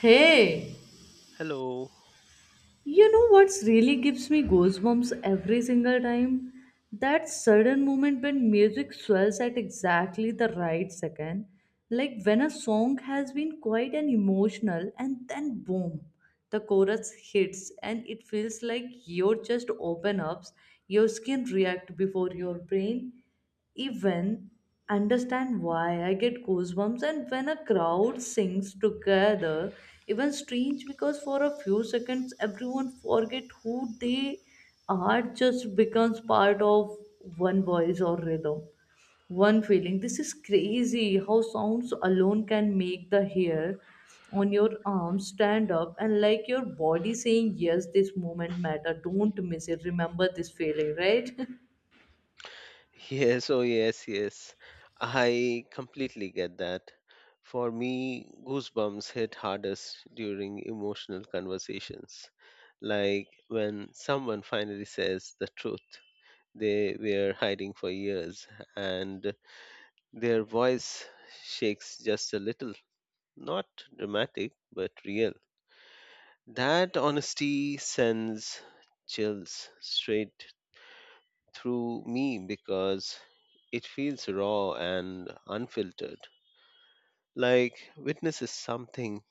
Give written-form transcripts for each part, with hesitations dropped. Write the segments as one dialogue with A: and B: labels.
A: Hey,
B: Hello.
A: you know what's really gives me goosebumps every single time? That sudden moment when music swells at exactly the right second. Like when a song has been quite and emotional and then boom, the chorus hits and it feels like your chest opens up, your skin reacts before your brain even understand why I get goosebumps. And when a crowd sings together, even strange because for a few seconds everyone forget who they are, just becomes part of one voice or rhythm, one feeling. This is crazy how sounds alone can make the hair on your arm stand up and like your body saying yes this moment matter don't miss it remember this feeling right.
B: Yes, oh yes, yes. I completely get that. For me, goosebumps hit hardest during emotional conversations, like when someone finally says the truth they were hiding for years and their voice shakes just a little, not dramatic, but real. That honesty sends chills straight through me because it feels raw and unfiltered, like witnesses something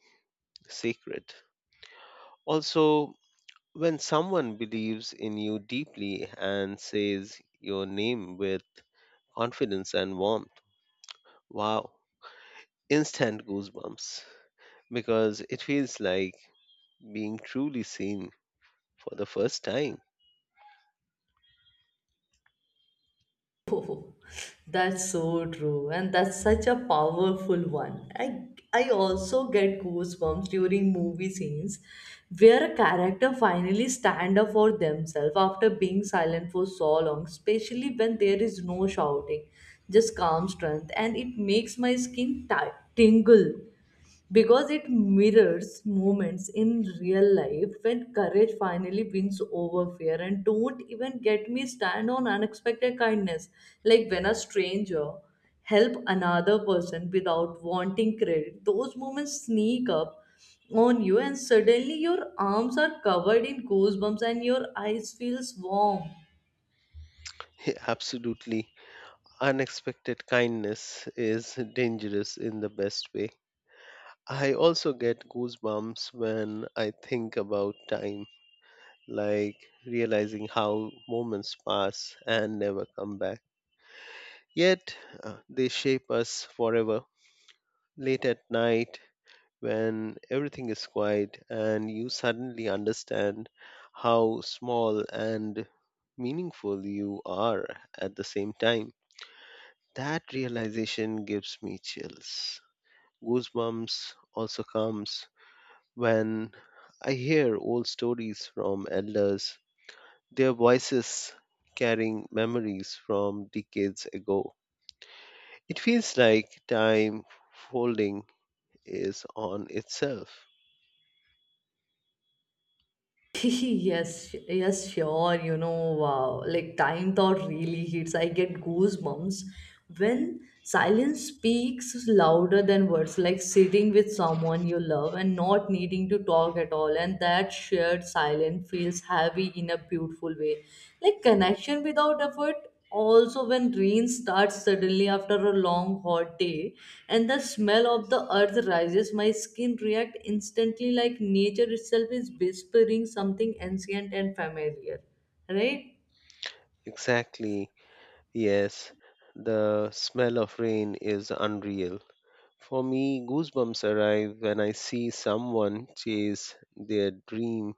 B: sacred. Also, when someone believes in you deeply and says your name with confidence and warmth, wow, instant goosebumps because it feels like being truly seen for the first time.
A: Oh, that's so true, and that's such a powerful one. I also get goosebumps during movie scenes where a character finally stand up for themselves after being silent for so long, especially when there is no shouting, just calm strength, and it makes my skin tingle because it mirrors moments in real life when courage finally wins over fear, and don't even get me stand on unexpected kindness, like when a stranger help another person without wanting credit. Those moments sneak up on you and suddenly your arms are covered in goosebumps and your eyes feels warm.
B: Absolutely. Unexpected kindness is dangerous in the best way. I also get goosebumps when I think about time, like realizing how moments pass and never come back. Yet they shape us forever. Late at night when everything is quiet and you suddenly understand how small and meaningful you are at the same time. That realization gives me chills. Goosebumps also comes when I hear old stories from elders, their voices carrying memories from decades ago. It feels like time folding is on itself.
A: Yes, yes, sure. You know, wow, like time thought really hits. I get goosebumps when silence speaks louder than words, like sitting with someone you love and not needing to talk at all. And that shared silence feels heavy in a beautiful way, like connection without effort, also when rain starts suddenly after a long hot day and the smell of the earth rises, my skin react instantly, like nature itself is whispering something ancient and familiar, right.
B: Exactly. Yes, the smell of rain is unreal. For me, goosebumps arrive when I see someone chase their dream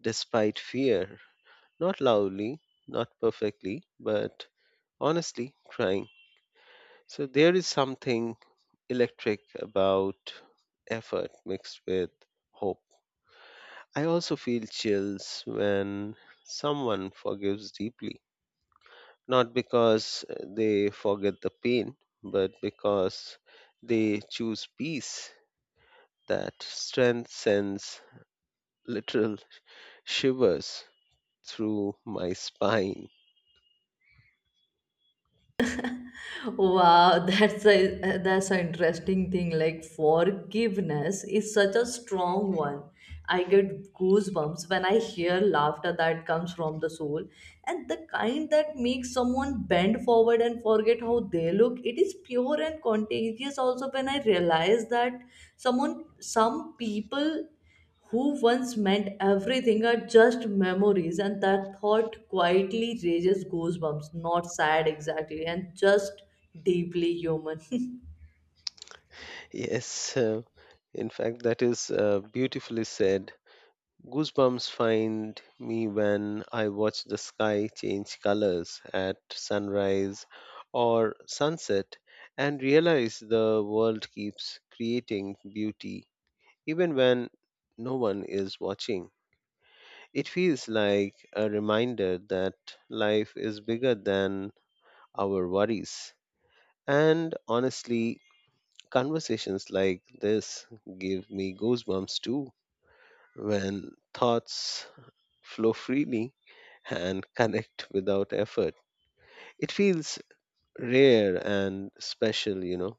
B: despite fear. Not loudly, not perfectly, but honestly trying. So there is something electric about effort mixed with hope. I also feel chills when someone forgives deeply, not because they forget the pain, but because they choose peace. That strength sends literal shivers through my spine.
A: Wow, that's an interesting thing. Like forgiveness is such a strong one. I get goosebumps when I hear laughter that comes from the soul, and the kind that makes someone bend forward and forget how they look. It is pure and contagious. Also, when I realize that some people who once meant everything are just memories, and that thought quietly raises goosebumps, not sad exactly, and just deeply human.
B: Yes, in fact, that is beautifully said. Goosebumps find me when I watch the sky change colors at sunrise or sunset and realize the world keeps creating beauty. Even when no one is watching, it feels like a reminder that life is bigger than our worries. And honestly, conversations like this give me goosebumps too when thoughts flow freely and connect without effort. It feels rare and special, you know.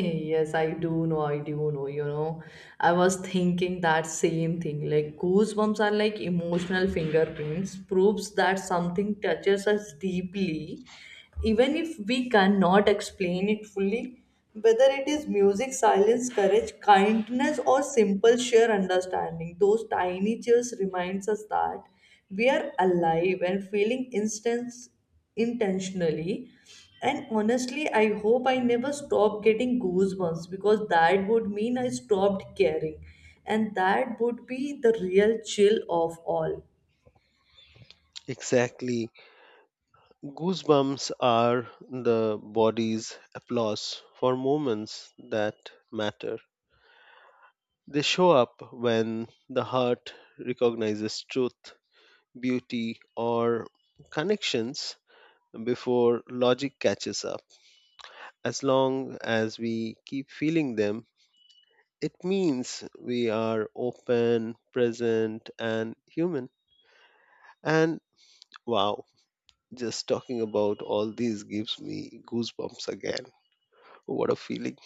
A: Yes, I do know, you know. I was thinking that same thing. Like goosebumps are like emotional fingerprints, proves that something touches us deeply, even if we cannot explain it fully, whether it is music, silence, courage, kindness, or simple sheer understanding. Those tiny chills reminds us that we are alive and feeling instance intentionally, and honestly, I hope I never stop getting goosebumps, because that would mean I stopped caring. And that would be the real chill of all.
B: Exactly. Goosebumps are the body's applause for moments that matter. They show up when the heart recognizes truth, beauty, or connections before logic catches up. As long as we keep feeling them, it means we are open, present, and human. And wow, just talking about all these gives me goosebumps again. What a feeling!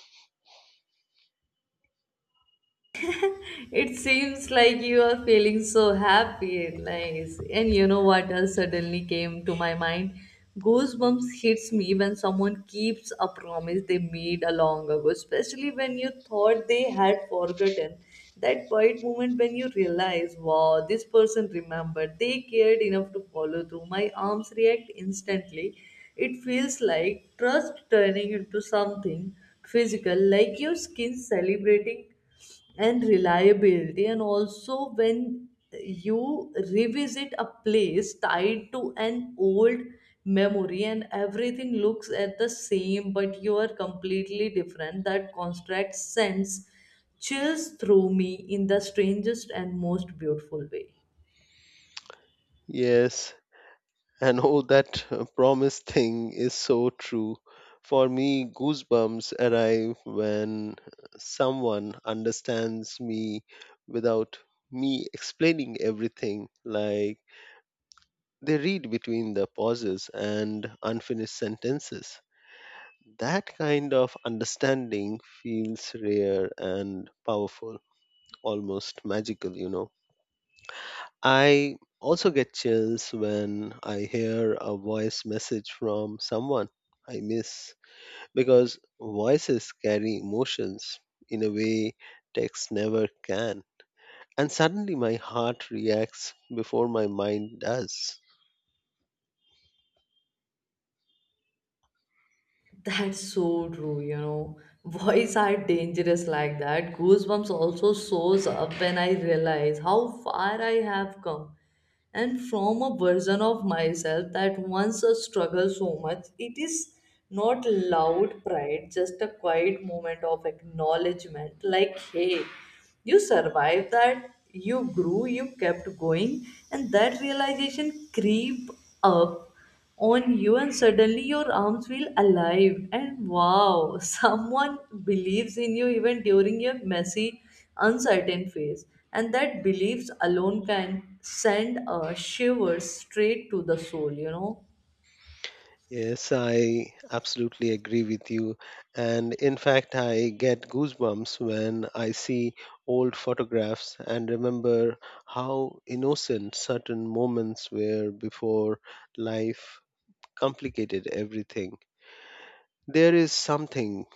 A: It seems like you are feeling so happy and nice. And you know what else suddenly came to my mind? Goosebumps hits me when someone keeps a promise they made a long ago, especially when you thought they had forgotten. That quiet moment when you realize, wow, this person remembered, they cared enough to follow through. My arms react instantly. It feels like trust turning into something physical, like your skin celebrating and reliability, and also when you revisit a place tied to an old memory and everything looks at the same but you are completely different, that contrast sends chills through me in the strangest and most beautiful way.
B: Yes, and all that promise thing is so true. For me, goosebumps arrive when someone understands me without me explaining everything. Like they read between the pauses and unfinished sentences. That kind of understanding feels rare and powerful, almost magical, you know. I also get chills when I hear a voice message from someone I miss because voices carry emotions in a way text never can. And suddenly my heart reacts before my mind does.
A: That's so true, you know. Boys are dangerous like that. Goosebumps also shows up when I realize how far I have come. And from a version of myself that once a struggle so much, it is not loud pride, just a quiet moment of acknowledgement. Like, hey, you survived that, you grew, you kept going, and that realization creep up on you and suddenly your arms feel alive and wow, someone believes in you even during your messy uncertain phase, and that beliefs alone can send shivers straight to the soul, you know.
B: Yes, I absolutely agree with you. And in fact, I get goosebumps when I see old photographs and remember how innocent certain moments were before life complicated everything. There is something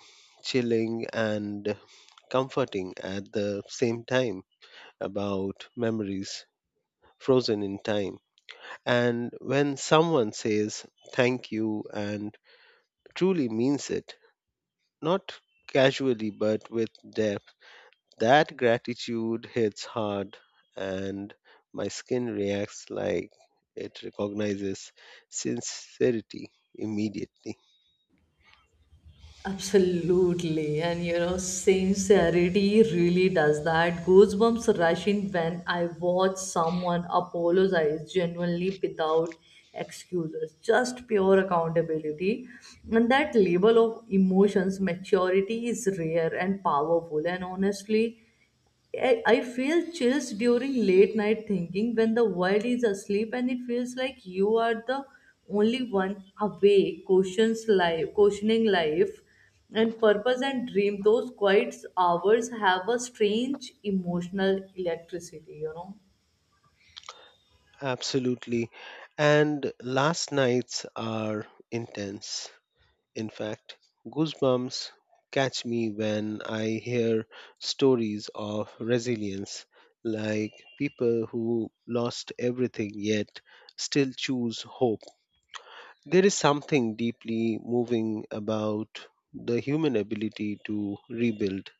B: chilling and comforting at the same time about memories frozen in time. And when someone says thank you and truly means it, not casually but with depth. That gratitude hits hard and my skin reacts like it recognizes sincerity immediately.
A: Absolutely. And you know, sincerity really does that. Goosebumps rushing when I watch someone apologize genuinely without excuses. Just pure accountability. And that level of emotions, maturity is rare and powerful. And honestly, I feel chills during late night thinking when the world is asleep and it feels like you are the only one awake, questioning life and purpose and dream. Those quiet hours have a strange emotional electricity, you know.
B: Absolutely. And last nights are intense. In fact, goosebumps catch me when I hear stories of resilience, like people who lost everything yet still choose hope. There is something deeply moving about the human ability to rebuild.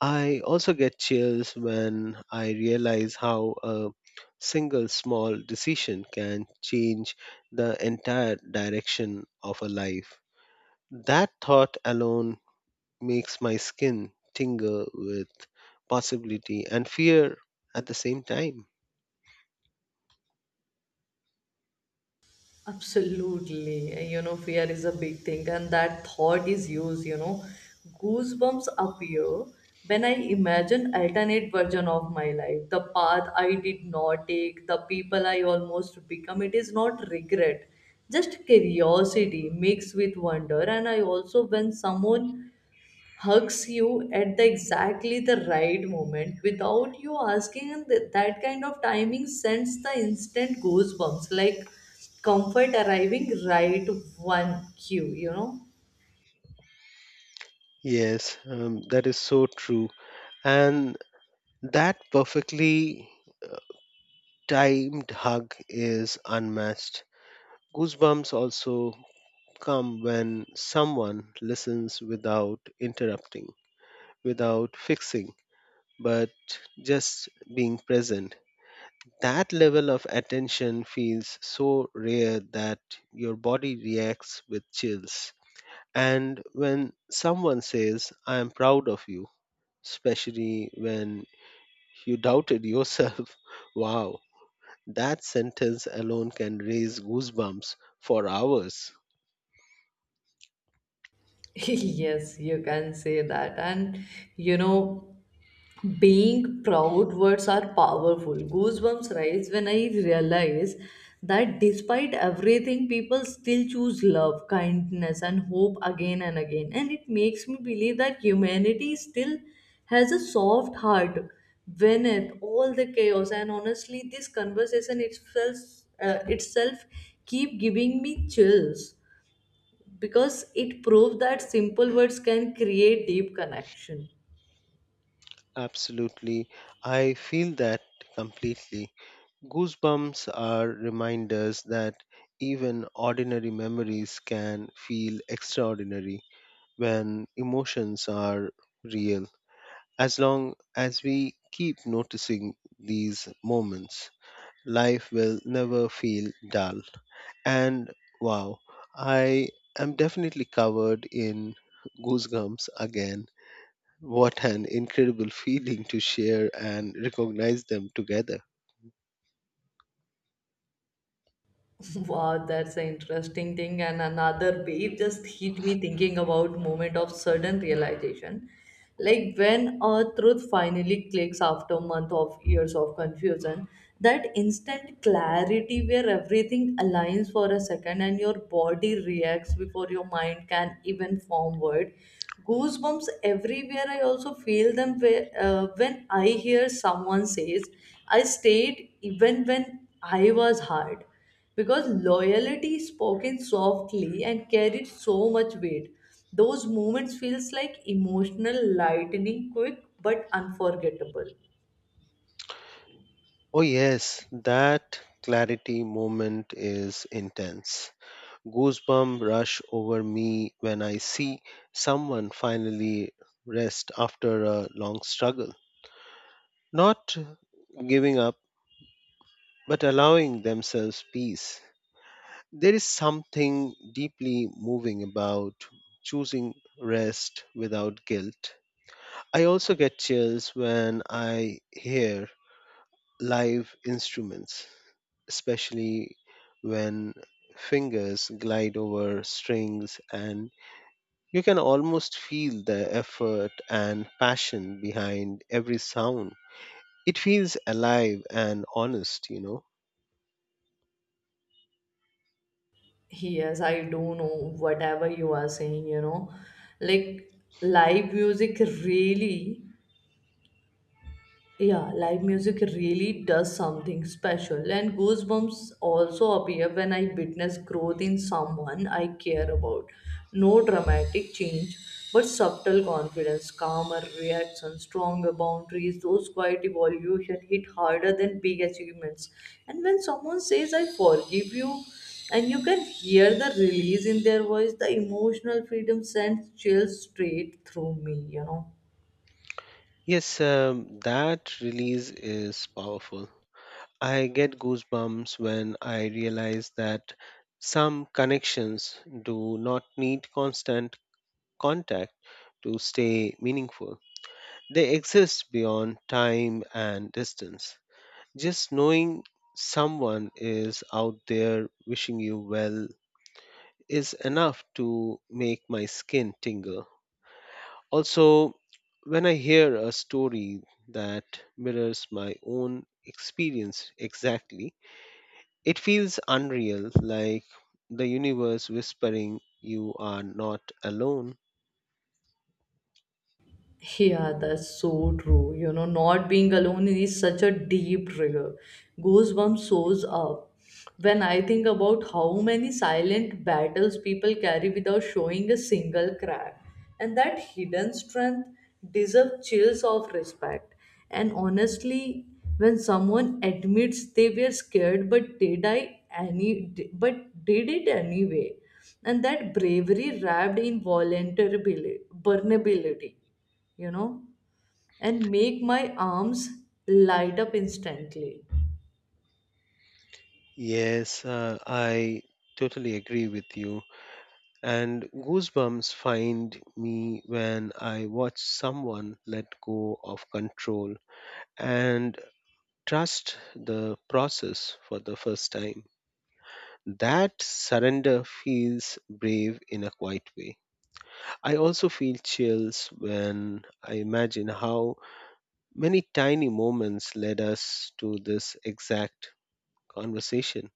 B: I also get chills when I realize how a single small decision can change the entire direction of a life. That thought alone makes my skin tingle with possibility and fear at the same time.
A: Absolutely. You know, fear is a big thing, and that thought is used, you know. Goosebumps appear when I imagine alternate version of my life, the path I did not take, the people I almost become. It is not regret, just curiosity mixed with wonder. And I also when someone hugs you at the exactly the right moment without you asking, and that kind of timing sends the instant goosebumps, like comfort arriving right one cue, you know.
B: Yes, that is so true. And that perfectly timed hug is unmatched. Goosebumps also come when someone listens without interrupting, without fixing, but just being present. That level of attention feels so rare that your body reacts with chills. And when someone says, I am proud of you, especially when you doubted yourself, wow, that sentence alone can raise goosebumps for hours.
A: Yes, you can say that, and you know, being proud words are powerful. Goosebumps rise when I realize that despite everything people still choose love, kindness and hope again and again, and it makes me believe that humanity still has a soft heart when it all the chaos. And honestly, this conversation itself keep giving me chills, because it proves that simple words can create deep connection.
B: Absolutely. I feel that completely. Goosebumps are reminders that even ordinary memories can feel extraordinary when emotions are real. As long as we keep noticing these moments, life will never feel dull. And wow, I am definitely covered in goosebumps again. What an incredible feeling to share and recognize them together.
A: Wow, that's an interesting thing. And another wave just hit me thinking about moment of sudden realization. Like when a truth finally clicks after month of years of confusion, that instant clarity where everything aligns for a second and your body reacts before your mind can even form word. Goosebumps everywhere. I also feel them where, when I hear someone says, I stayed even when I was hard, because loyalty spoken softly and carried so much weight. Those moments feels like emotional lightning, quick but unforgettable.
B: Oh, yes, that clarity moment is intense. Goosebumps rush over me when I see someone finally rest after a long struggle. Not giving up, but allowing themselves peace. There is something deeply moving about choosing rest without guilt. I also get chills when I hear live instruments, especially when fingers glide over strings and you can almost feel the effort and passion behind every sound. It feels alive and honest, you know.
A: Yes, I do know whatever you are saying, you know, like live music really. Yeah, live music really does something special, and goosebumps also appear when I witness growth in someone I care about. No dramatic change, but subtle confidence, calmer reaction, stronger boundaries. Those quiet evolution hit harder than big achievements. And when someone says, I forgive you, and you can hear the release in their voice, the emotional freedom sends chills straight through me, you know.
B: Yes, that release is powerful. I get goosebumps when I realize that some connections do not need constant contact to stay meaningful. They exist beyond time and distance. Just knowing someone is out there wishing you well is enough to make my skin tingle. Also, when I hear a story that mirrors my own experience exactly, it feels unreal, like the universe whispering, You are not alone.
A: Yeah, that's so true. You know, not being alone is such a deep trigger. Goosebumps shows up when I think about how many silent battles people carry without showing a single crack. And that hidden strength deserves chills of respect. And honestly, when someone admits they were scared but did it anyway, and that bravery wrapped in volunteer vulnerability, you know, and make my arms light up instantly.
B: Yes, I totally agree with you. And goosebumps find me when I watch someone let go of control and trust the process for the first time. That surrender feels brave in a quiet way. I also feel chills when I imagine how many tiny moments led us to this exact conversation,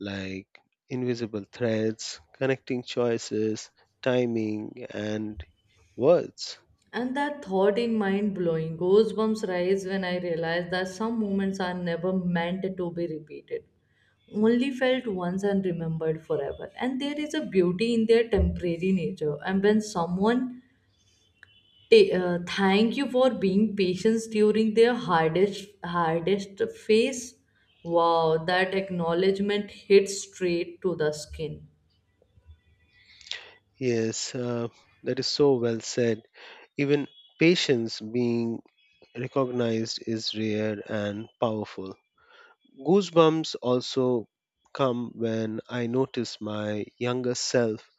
B: like invisible threads connecting choices, timing, and words.
A: And that thought in mind blowing, goosebumps rise when I realize that some moments are never meant to be repeated, only felt once and remembered forever. And there is a beauty in their temporary nature. And when someone thank you for being patient during their hardest hardest phase, wow, that acknowledgement hits straight to the skin.
B: Yes, that is so well said. Even patience being recognized is rare and powerful. Goosebumps also come when I notice my younger self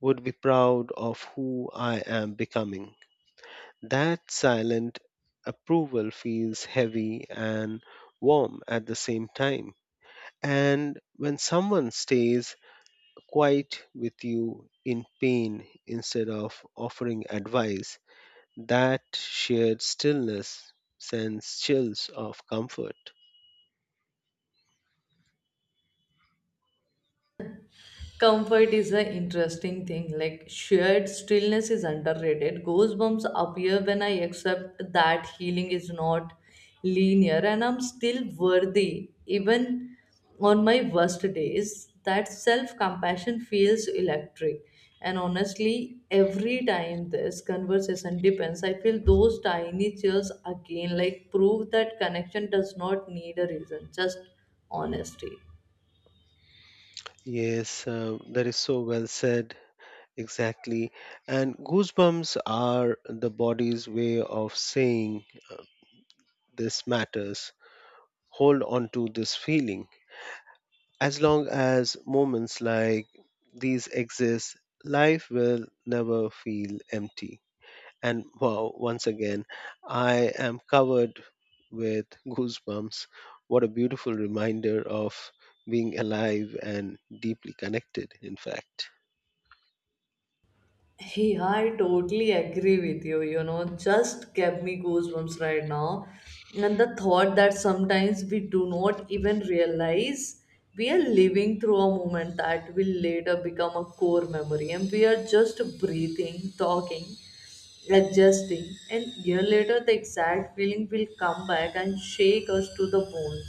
B: would be proud of who I am becoming. That silent approval feels heavy and warm at the same time. And when someone stays quiet with you in pain instead of offering advice, that shared stillness sends chills of comfort.
A: Comfort is an interesting thing. Like shared stillness is underrated. Goosebumps appear when I accept that healing is not linear and I'm still worthy, even on my worst days. That self compassion feels electric. And honestly, every time this conversation depends, I feel those tiny chills again, like prove that connection does not need a reason, just honesty.
B: Yes, that is so well said. Exactly. And goosebumps are the body's way of saying this matters. Hold on to this feeling. As long as moments like these exist, life will never feel empty. And wow, once again, I am covered with goosebumps. What a beautiful reminder of being alive and deeply connected, in fact.
A: Hey, I totally agree with you. You know, just gave me goosebumps right now. And the thought that sometimes we do not even realize we are living through a moment that will later become a core memory, and we are just breathing, talking, adjusting, and year later the exact feeling will come back and shake us to the bones,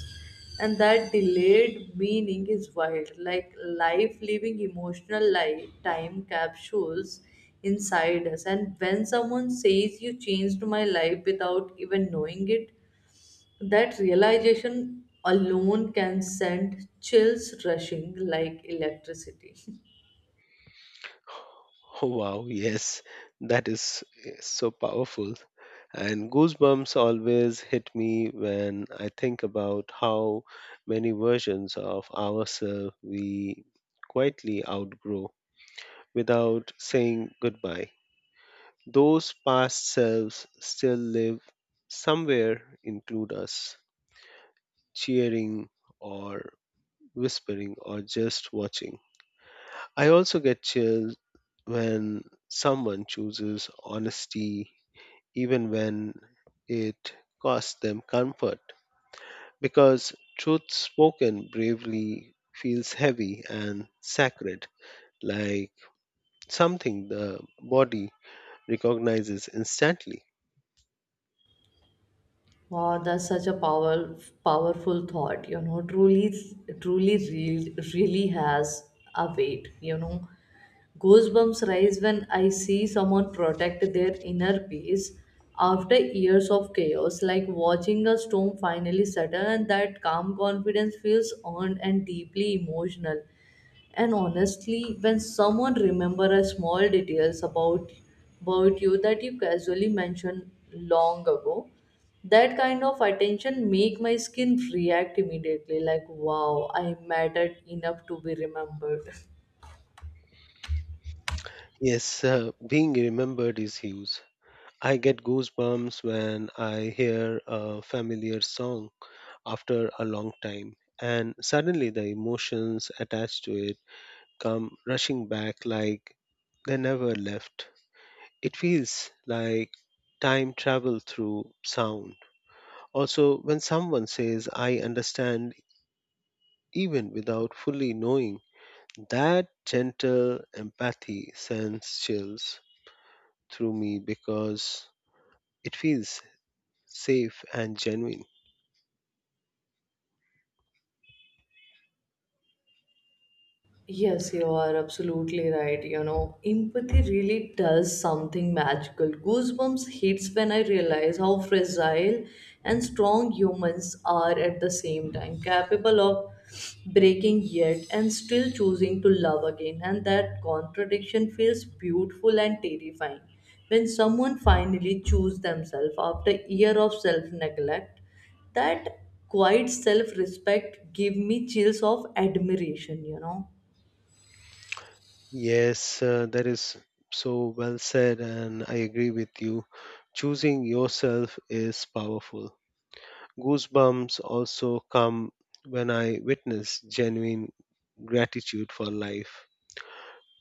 A: and that delayed meaning is wild, like life living emotional life, time capsules inside us. And when someone says, you changed my life without even knowing it, that realization alone can send chills rushing like electricity.
B: Oh, wow, yes, that is so powerful. And goosebumps always hit me when I think about how many versions of ourselves we quietly outgrow without saying goodbye. Those past selves still live somewhere, include us, cheering or whispering or just watching. I also get chills when someone chooses honesty, even when it costs them comfort, because truth spoken bravely feels heavy and sacred, like something the body recognizes instantly.
A: Wow, that's powerful thought. You know, really has a weight. You know, goosebumps rise when I see someone protect their inner peace after years of chaos, like watching a storm finally settle, and that calm confidence feels earned and deeply emotional. And honestly, when someone remember a small details about you that you casually mentioned long ago, that kind of attention make my skin react immediately, like wow, I mattered enough to be remembered.
B: Yes, being remembered is huge. I get goosebumps when I hear a familiar song after a long time, and suddenly the emotions attached to it come rushing back like they never left. It feels like time travel through sound. Also, when someone says, I understand, even without fully knowing, that gentle empathy sends chills through me because it feels safe and genuine.
A: Yes, you are absolutely right. You know, empathy really does something magical. Goosebumps hits when I realize how fragile and strong humans are at the same time, capable of breaking yet and still choosing to love again. And that contradiction feels beautiful and terrifying. When someone finally chooses themselves after year of self-neglect, that quiet self-respect give me chills of admiration, you know.
B: Yes, that is so well said, and I agree with you. Choosing yourself is powerful. Goosebumps also come when I witness genuine gratitude for life.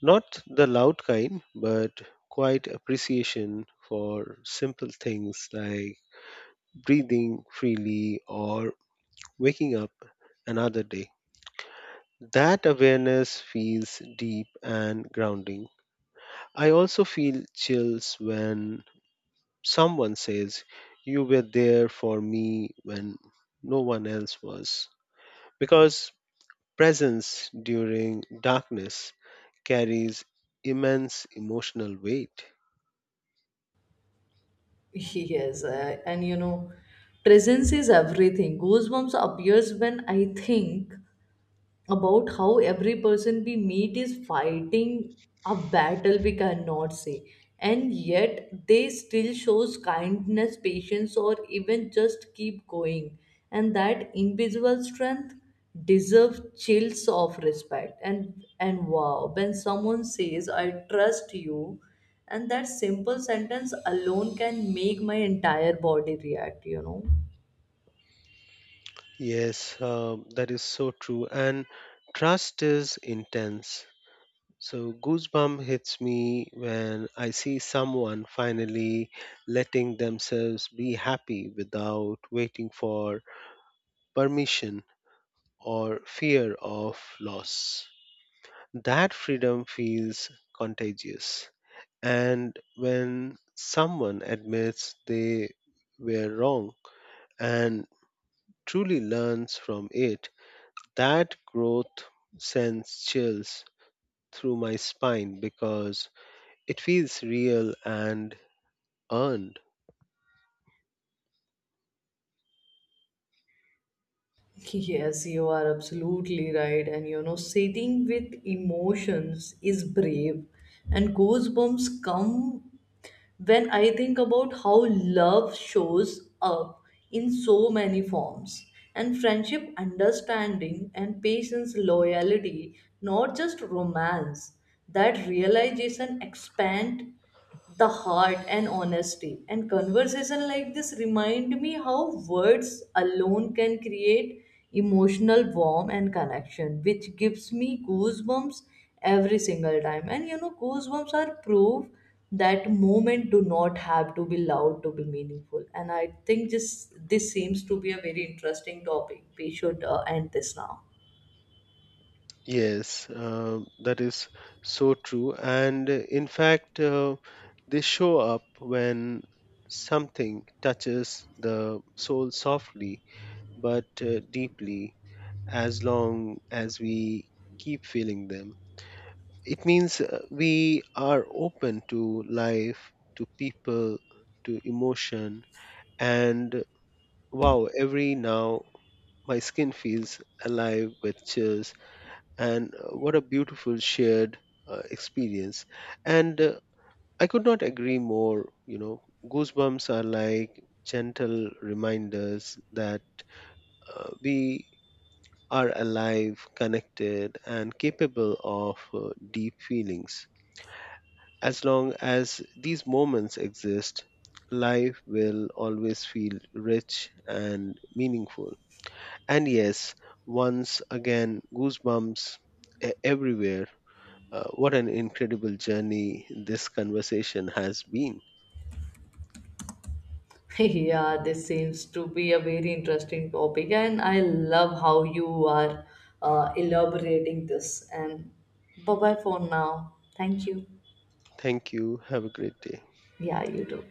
B: Not the loud kind, but quiet appreciation for simple things like breathing freely or waking up another day. That awareness feels deep and grounding. I also feel chills when someone says, You were there for me when no one else was because presence during darkness carries immense emotional weight.
A: Yes, and you know, presence is everything. Goosebumps appears when I think about how every person we meet is fighting a battle we cannot see, and yet they still shows kindness, patience, or even just keep going, and that invisible strength deserves chills of respect. And wow, when someone says, I trust you, and that simple sentence alone can make my entire body react, you know.
B: Yes, that is so true. And trust is intense. So, goosebump hits me when I see someone finally letting themselves be happy without waiting for permission or fear of loss. That freedom feels contagious. And when someone admits they were wrong and truly learns from it, that growth sends chills through my spine because it feels real and earned.
A: Yes, you are absolutely right. And you know, sitting with emotions is brave, and goosebumps come when I think about how love shows up in so many forms, and friendship, understanding, and patience, loyalty, not just romance, that realization expand the heart. And honesty and conversation like this remind me how words alone can create emotional warmth and connection, which gives me goosebumps every single time. And you know, goosebumps are proof that moment do not have to be loud to be meaningful. And I think just this seems to be a very interesting topic, we should end this now.
B: Yes, that is so true. And in fact, they show up when something touches the soul softly but deeply as long as we keep feeling them. It means we are open to life, to people, to emotion, and wow, every now my skin feels alive with chills, and what a beautiful shared experience. And I could not agree more, you know, goosebumps are like gentle reminders that we are alive, connected, and capable of deep feelings. As long as these moments exist, life will always feel rich and meaningful. And yes, once again, goosebumps everywhere. What an incredible journey this conversation has been.
A: Yeah, this seems to be a very interesting topic, and I love how you are elaborating this, and bye bye for now, thank you.
B: Thank you. Have a great day.
A: Yeah, you too.